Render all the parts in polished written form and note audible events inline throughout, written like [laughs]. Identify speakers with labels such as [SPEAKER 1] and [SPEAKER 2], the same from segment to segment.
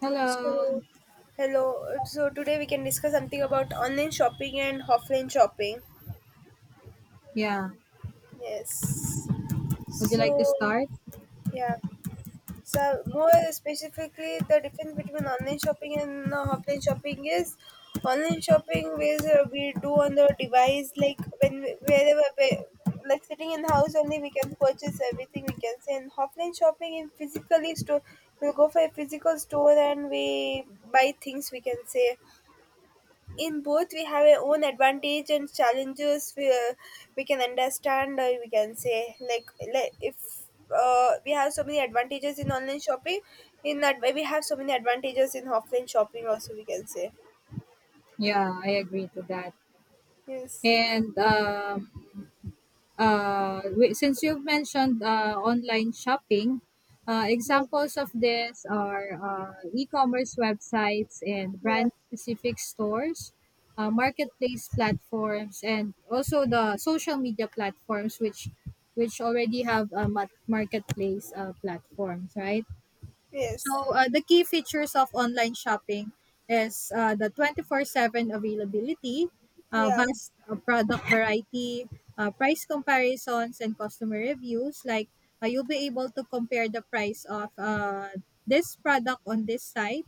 [SPEAKER 1] Hello.
[SPEAKER 2] So, hello. So today we can discuss something about online shopping and offline shopping.
[SPEAKER 1] Yeah.
[SPEAKER 2] Yes.
[SPEAKER 1] Would you like to
[SPEAKER 2] So,
[SPEAKER 1] start?
[SPEAKER 2] yeah. So more specifically, the difference between online shopping and offline shopping is online shopping is we do on the device like wherever we, like sitting in house only we can purchase everything we can say, and offline shopping in physically store we go for a physical store and we buy things we can say. In both we have our own advantage and challenges we can understand we can say like, if we have so many advantages in online shopping. In that way we have so many advantages in offline shopping also we can say.
[SPEAKER 1] Yeah, I agree to that.
[SPEAKER 2] Yes.
[SPEAKER 1] And Since you've mentioned online shopping, examples of this are e-commerce websites and
[SPEAKER 2] Yeah.
[SPEAKER 1] brand-specific stores, marketplace platforms, and also the social media platforms, which already have a marketplace platforms, right?
[SPEAKER 2] Yes.
[SPEAKER 1] So, the key features of online shopping is the 24/7 availability,
[SPEAKER 2] Yeah.
[SPEAKER 1] vast product variety, price comparisons, and customer reviews. You'll be able to compare the price of this product on this site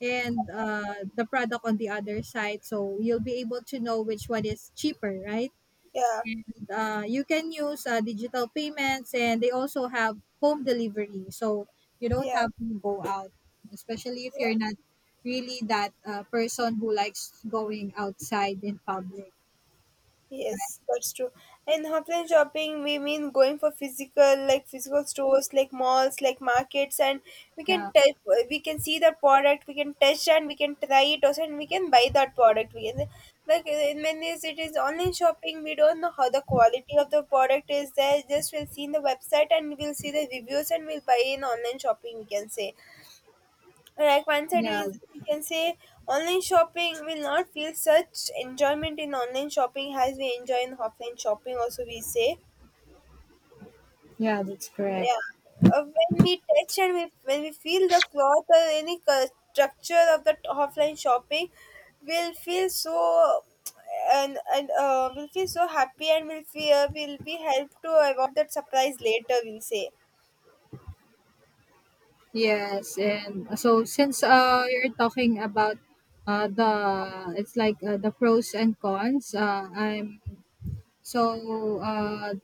[SPEAKER 1] and the product on the other side. So, you'll be able to know which one is cheaper, right?
[SPEAKER 2] Yeah.
[SPEAKER 1] And you can use digital payments, and they also have home delivery, so you don't
[SPEAKER 2] Yeah.
[SPEAKER 1] have to go out, especially if
[SPEAKER 2] Yeah.
[SPEAKER 1] you're not really that person who likes going outside in public.
[SPEAKER 2] Yes, that's true. And offline shopping, we mean going for physical, like physical stores, like malls, like markets, and we can
[SPEAKER 1] Yeah,
[SPEAKER 2] touch, we can see the product, we can touch and we can try it also, and we can buy that product. We can, like in many ways, it is online shopping. We don't know how the quality of the product is there. Just we'll see in the website and we'll see the reviews and we'll buy in online shopping. We can say like one side
[SPEAKER 1] yeah,
[SPEAKER 2] is we can say online shopping will not feel such enjoyment in online shopping as we enjoy in offline shopping. Also, we say,
[SPEAKER 1] yeah, that's correct.
[SPEAKER 2] yeah. When we touch and we, when we feel the cloth or any structure of the offline shopping, we'll feel so, and we'll feel so happy and we'll feel we'll be helped to avoid that surprise later. We'll say.
[SPEAKER 1] Yes, and so since you're talking about the it's like the pros and cons, So, uh,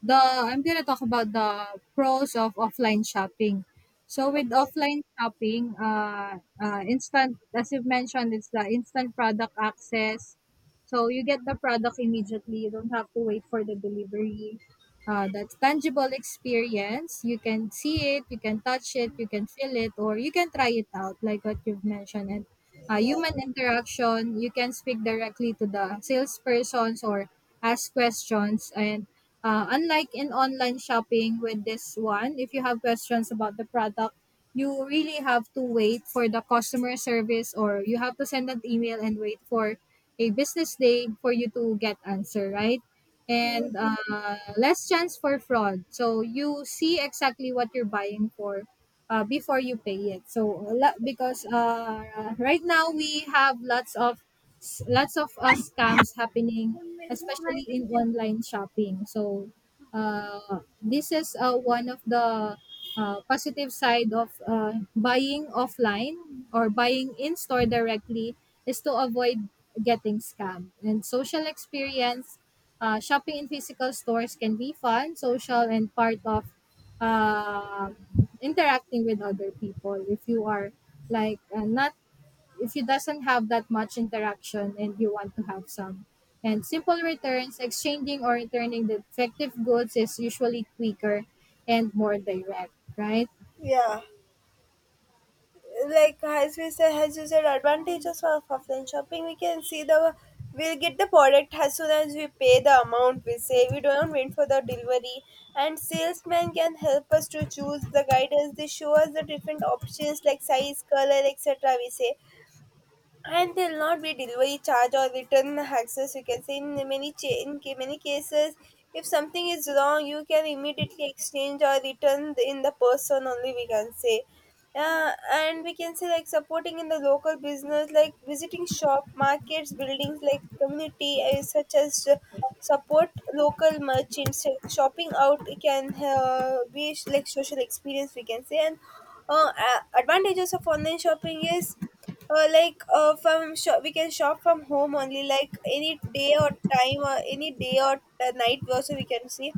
[SPEAKER 1] the I'm gonna talk about the pros of offline shopping. So with
[SPEAKER 2] Okay.
[SPEAKER 1] offline shopping, instant as you've mentioned, it's the instant product access. So you get the product immediately. You don't have to wait for the delivery. That's tangible experience. You can see it, you can touch it, you can feel it, or you can try it out, like what you've mentioned. And human interaction, you can speak directly to the salespersons or ask questions. And unlike in online shopping, with this one, if you have questions about the product, you really have to wait for the customer service, or you have to send an email and wait for a business day for you to get answer, right?
[SPEAKER 2] Mm.
[SPEAKER 1] And less chance for fraud, so you see exactly what you're buying for before you pay it. Because right now we have lots of scams happening, especially in online shopping. So this is one of the positive side of buying offline or buying in store directly is to avoid getting scammed. And social experience, shopping in physical stores can be fun, social, and part of um interacting with other people. If you are like not if you doesn't have that much interaction and you want to have some. And simple returns, exchanging or returning the defective goods, is usually quicker and more direct, right?
[SPEAKER 2] Yeah. Like as we said, as you said, advantages of offline shopping we can see the, we'll get the product as soon as we pay the amount, we say we don't wait for the delivery, and salesman can help us to choose the guidance, they show us the different options like size, color, etc., we say. And there'll not be delivery charge or return access, you can say in many many cases, if something is wrong you can immediately exchange or return in the person only we can say. And we can say like supporting in the local business, like visiting shop markets buildings like community, such as support local merchants, like shopping out can be like social experience we can say. And advantages of online shopping is like from shop, we can shop from home only like any day or time, or any day or the night also we can see.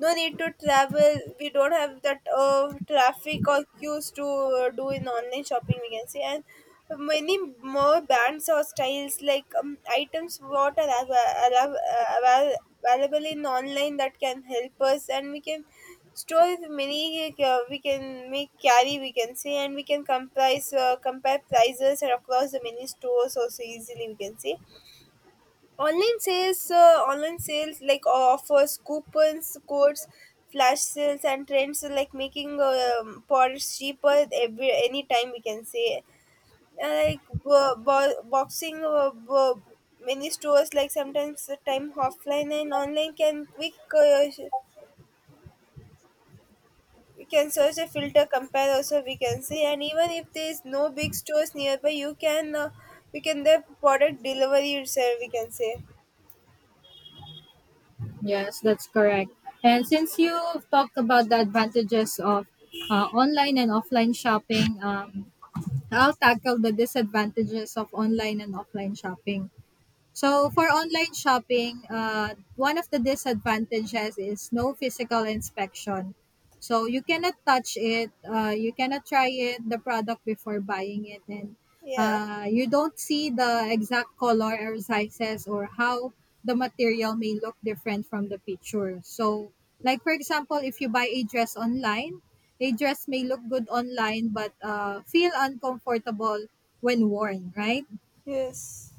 [SPEAKER 2] No need to travel, we don't have that traffic or queues to do in online shopping we can say. And many more brands or styles like items what are av- available in online that can help us, and we can store with many, we can make carry we can say, and we can comprise, compare prices across the many stores also easily we can say. Online sales like offers, coupons codes, flash sales and trends are like making products cheaper every any time we can say. Like boxing, many stores like sometimes the time offline and online can quick, uh, sh- you can search a filter compare also we can see, and even if there is no big stores nearby you can, we can the product delivery itself we can say.
[SPEAKER 1] Yes, that's correct. And since you talked about the advantages of online and offline shopping, I'll tackle the disadvantages of online and offline shopping. So for online shopping, one of the disadvantages is no physical inspection. So you cannot touch it, you cannot try it, the product before buying it. And
[SPEAKER 2] Yeah.
[SPEAKER 1] you don't see the exact color or sizes, or how the material may look different from the picture. So, like for example, if you buy a dress online, a dress may look good online but feel uncomfortable when worn, right?
[SPEAKER 2] Yes.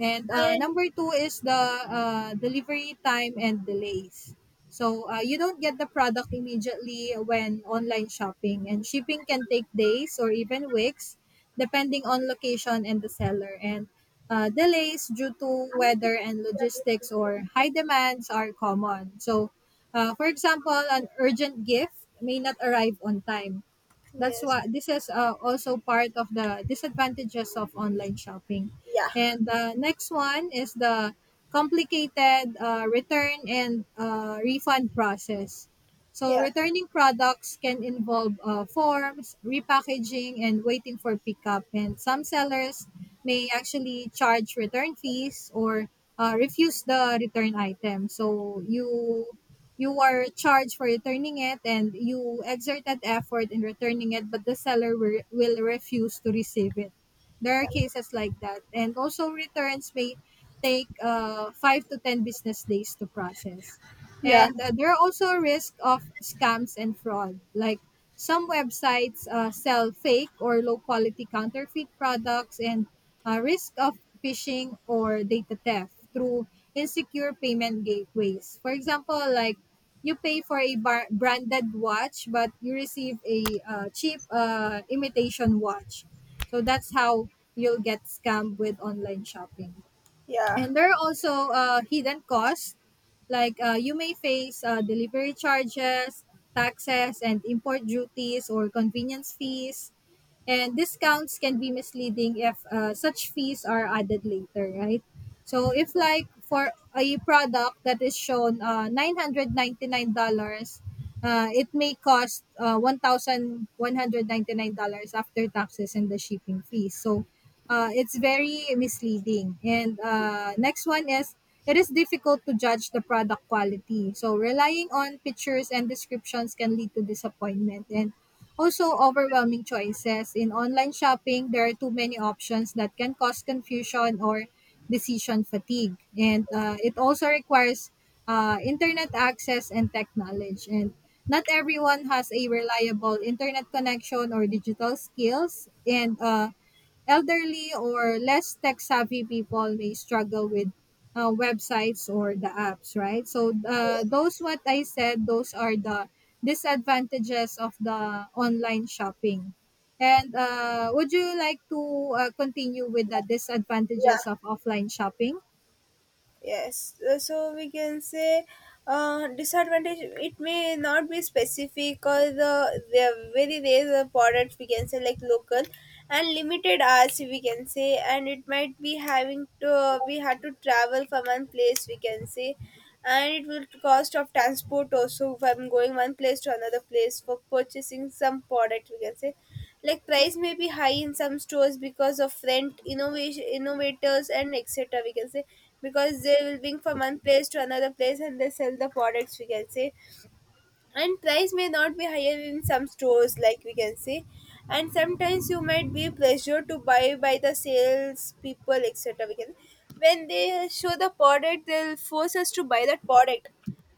[SPEAKER 1] And
[SPEAKER 2] And
[SPEAKER 1] number two is the delivery time and delays. So you don't get the product immediately when online shopping, and shipping can take days or even weeks, depending on location and the seller. And delays due to weather and logistics or high demands are common. So, for example, an urgent gift may not arrive on time. That's
[SPEAKER 2] yes.
[SPEAKER 1] why this is also part of the disadvantages of online shopping.
[SPEAKER 2] Yeah.
[SPEAKER 1] And the next one is the complicated return and refund process. So
[SPEAKER 2] Yeah.
[SPEAKER 1] returning products can involve forms, repackaging, and waiting for pickup. And some sellers may actually charge return fees or refuse the return item. So you are charged for returning it, and you exerted effort in returning it, but the seller will refuse to receive it. There are
[SPEAKER 2] Yeah.
[SPEAKER 1] cases like that. And also returns may take 5 to 10 business days to process.
[SPEAKER 2] Yeah.
[SPEAKER 1] And there are also a risk of scams and fraud, like some websites sell fake or low quality counterfeit products, and risk of phishing or data theft through insecure payment gateways. For example, like you pay for a branded watch, but you receive a cheap imitation watch. So that's how you'll get scammed with online shopping.
[SPEAKER 2] yeah
[SPEAKER 1] And there are also hidden costs, like you may face delivery charges, taxes, and import duties or convenience fees. And discounts can be misleading if such fees are added later, right? So if like for a product that is shown $999, it may cost $1,199 after taxes and the shipping fees. So it's very misleading. And next one is it is difficult to judge the product quality. So relying on pictures and descriptions can lead to disappointment. And also overwhelming choices. In online shopping, there are too many options that can cause confusion or decision fatigue. And it also requires internet access and tech knowledge. And not everyone has a reliable internet connection or digital skills. And elderly or less tech savvy people may struggle with websites or the apps, right? So those
[SPEAKER 2] yes
[SPEAKER 1] what I said, those are the disadvantages of the online shopping. And would you like to continue with the
[SPEAKER 2] yeah.
[SPEAKER 1] disadvantages of offline shopping?
[SPEAKER 2] Yes, so we can say disadvantage. It may not be specific, or there are very rare the products we can say like local and limited hours we can say, and it might be having to, we had to travel from one place we can say, and it will cost of transport also from going one place to another place for purchasing some product we can say. Like price may be high in some stores because of rent innovation innovators and etc we can say, because they will bring from one place to another place and they sell the products we can say. And price may not be higher in some stores like we can say. And sometimes you might be pressured to buy by the sales people etc, we can, when they show the product they'll force us to buy that product.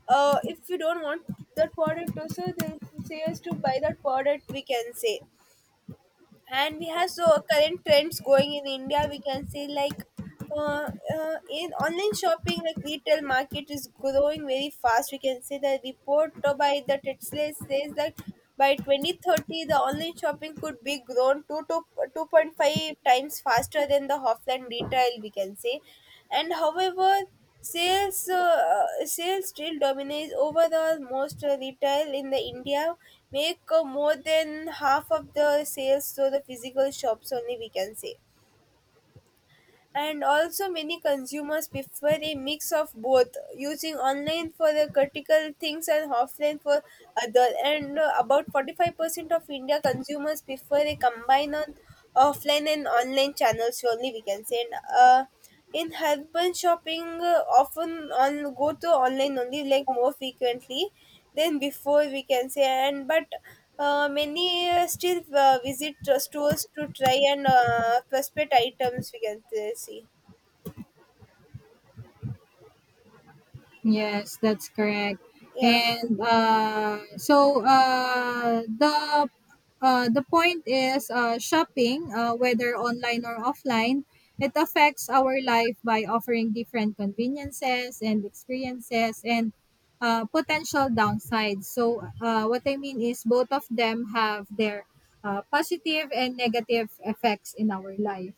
[SPEAKER 2] If you don't want that product also they'll say us to buy that product we can say. And we have so current trends going in India we can say, like uh, in online shopping like retail market is growing very fast we can say. The report by the Tetzler says that by 2030 the online shopping could be grown 2 to 2.5 times faster than the offline retail we can say. And however, sales still dominates overall most retail in the India, make more than half of the sales to the physical shops only we can say. And also many consumers prefer a mix of both, using online for the critical things and offline for other, and about 45% of India consumers prefer a combine on offline and online channels only we can say. And in urban shopping, often on go to online only, like more frequently than before, we can say. And but many still visit stores to try and prospect items. We can see.
[SPEAKER 1] Yes, that's correct.
[SPEAKER 2] Yeah.
[SPEAKER 1] And so the point is shopping, whether online or offline, it affects our life by offering different conveniences and experiences, and potential downsides. So what I mean is both of them have their positive and negative effects in our life.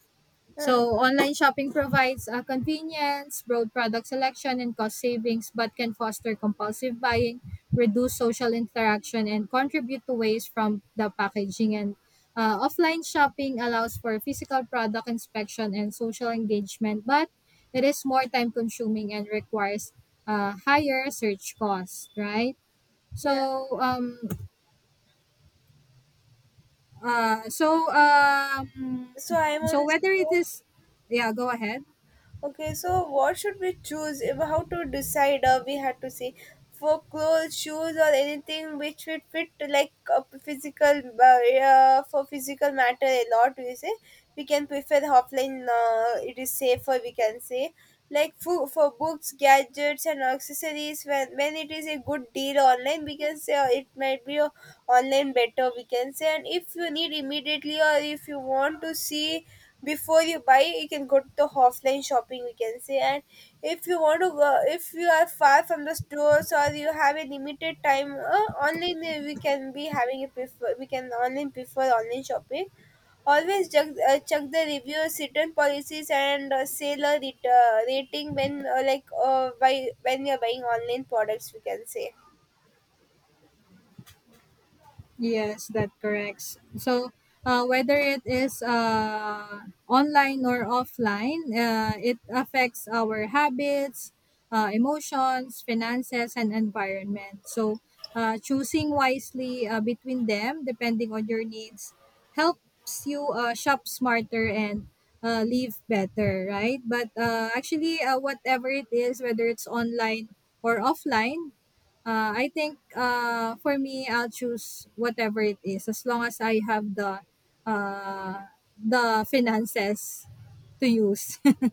[SPEAKER 2] Uh,
[SPEAKER 1] So online shopping provides convenience, broad product selection, and cost savings, but can foster compulsive buying, reduce social interaction, and contribute to waste from the packaging. And offline shopping allows for physical product inspection and social engagement, but it is more time consuming and requires higher search cost, right?
[SPEAKER 2] yeah.
[SPEAKER 1] So um uh so um
[SPEAKER 2] So I
[SPEAKER 1] so
[SPEAKER 2] want to say,
[SPEAKER 1] whether it is, yeah, go ahead.
[SPEAKER 2] okay, so what should we choose? How to decide? We had to see for clothes, shoes, or anything which would fit, like a physical, yeah, for physical matter a lot. We say we can prefer offline. It is safer. We can say, like for books, gadgets, and accessories. When it is a good deal online, we can say it might be, online better. We can say, and if you need immediately or if you want to see before you buy, you can go to the offline shopping we can say. And if you want to go, if you are far from the stores or you have a limited time, online, we can be having a prefer, we can online prefer online shopping. Always check, check the reviews, return policies and seller, rating when, like by, when you're buying online products we can say.
[SPEAKER 1] Yes, that corrects. So, whether it is online or offline, it affects our habits, emotions, finances, and environment. So, choosing wisely between them, depending on your needs, helps you shop smarter and live better, right? But actually, whatever it is, whether it's online or offline, I think for me, I'll choose whatever it is as long as I have uh, the finances to use. [laughs]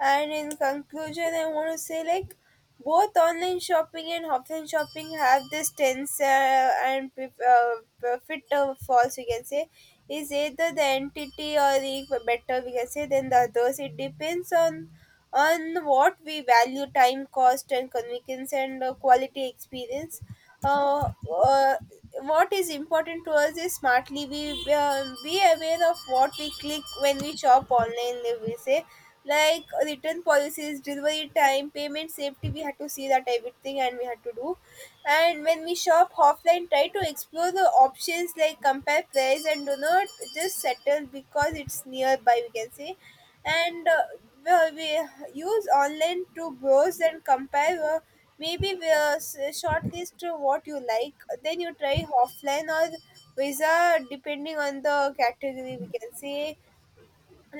[SPEAKER 2] And in conclusion, I want to say like both online shopping and offline shopping have this tense, and profit or false we can say, is either the entity or the better we can say than the others. It depends on what we value: time, cost, and convenience and quality experience. Uh, uh, what is important to us is smartly we be aware of what we click when we shop online, we say, like return policies, delivery time, payment safety, we had to see that everything and we had to do. And when we shop offline try to explore the options like compare price, and do not just settle because it's nearby we can say. And well, we use online to browse and compare, maybe we shortlist to what you like, then you try offline or visa depending on the category we can say.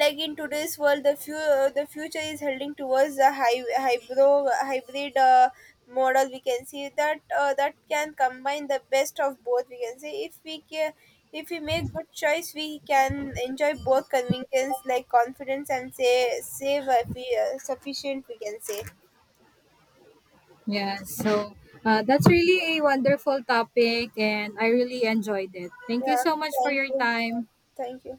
[SPEAKER 2] Like in today's world, the future is heading towards the high hybrid model we can see that that can combine the best of both we can say. If we make good choice we can enjoy both convenience, like confidence and say save, sufficient we can say.
[SPEAKER 1] Yeah, so that's really a wonderful topic, and I really enjoyed it. Thank you
[SPEAKER 2] Yeah.
[SPEAKER 1] so much for
[SPEAKER 2] Thank
[SPEAKER 1] your
[SPEAKER 2] you.
[SPEAKER 1] time.
[SPEAKER 2] Thank you.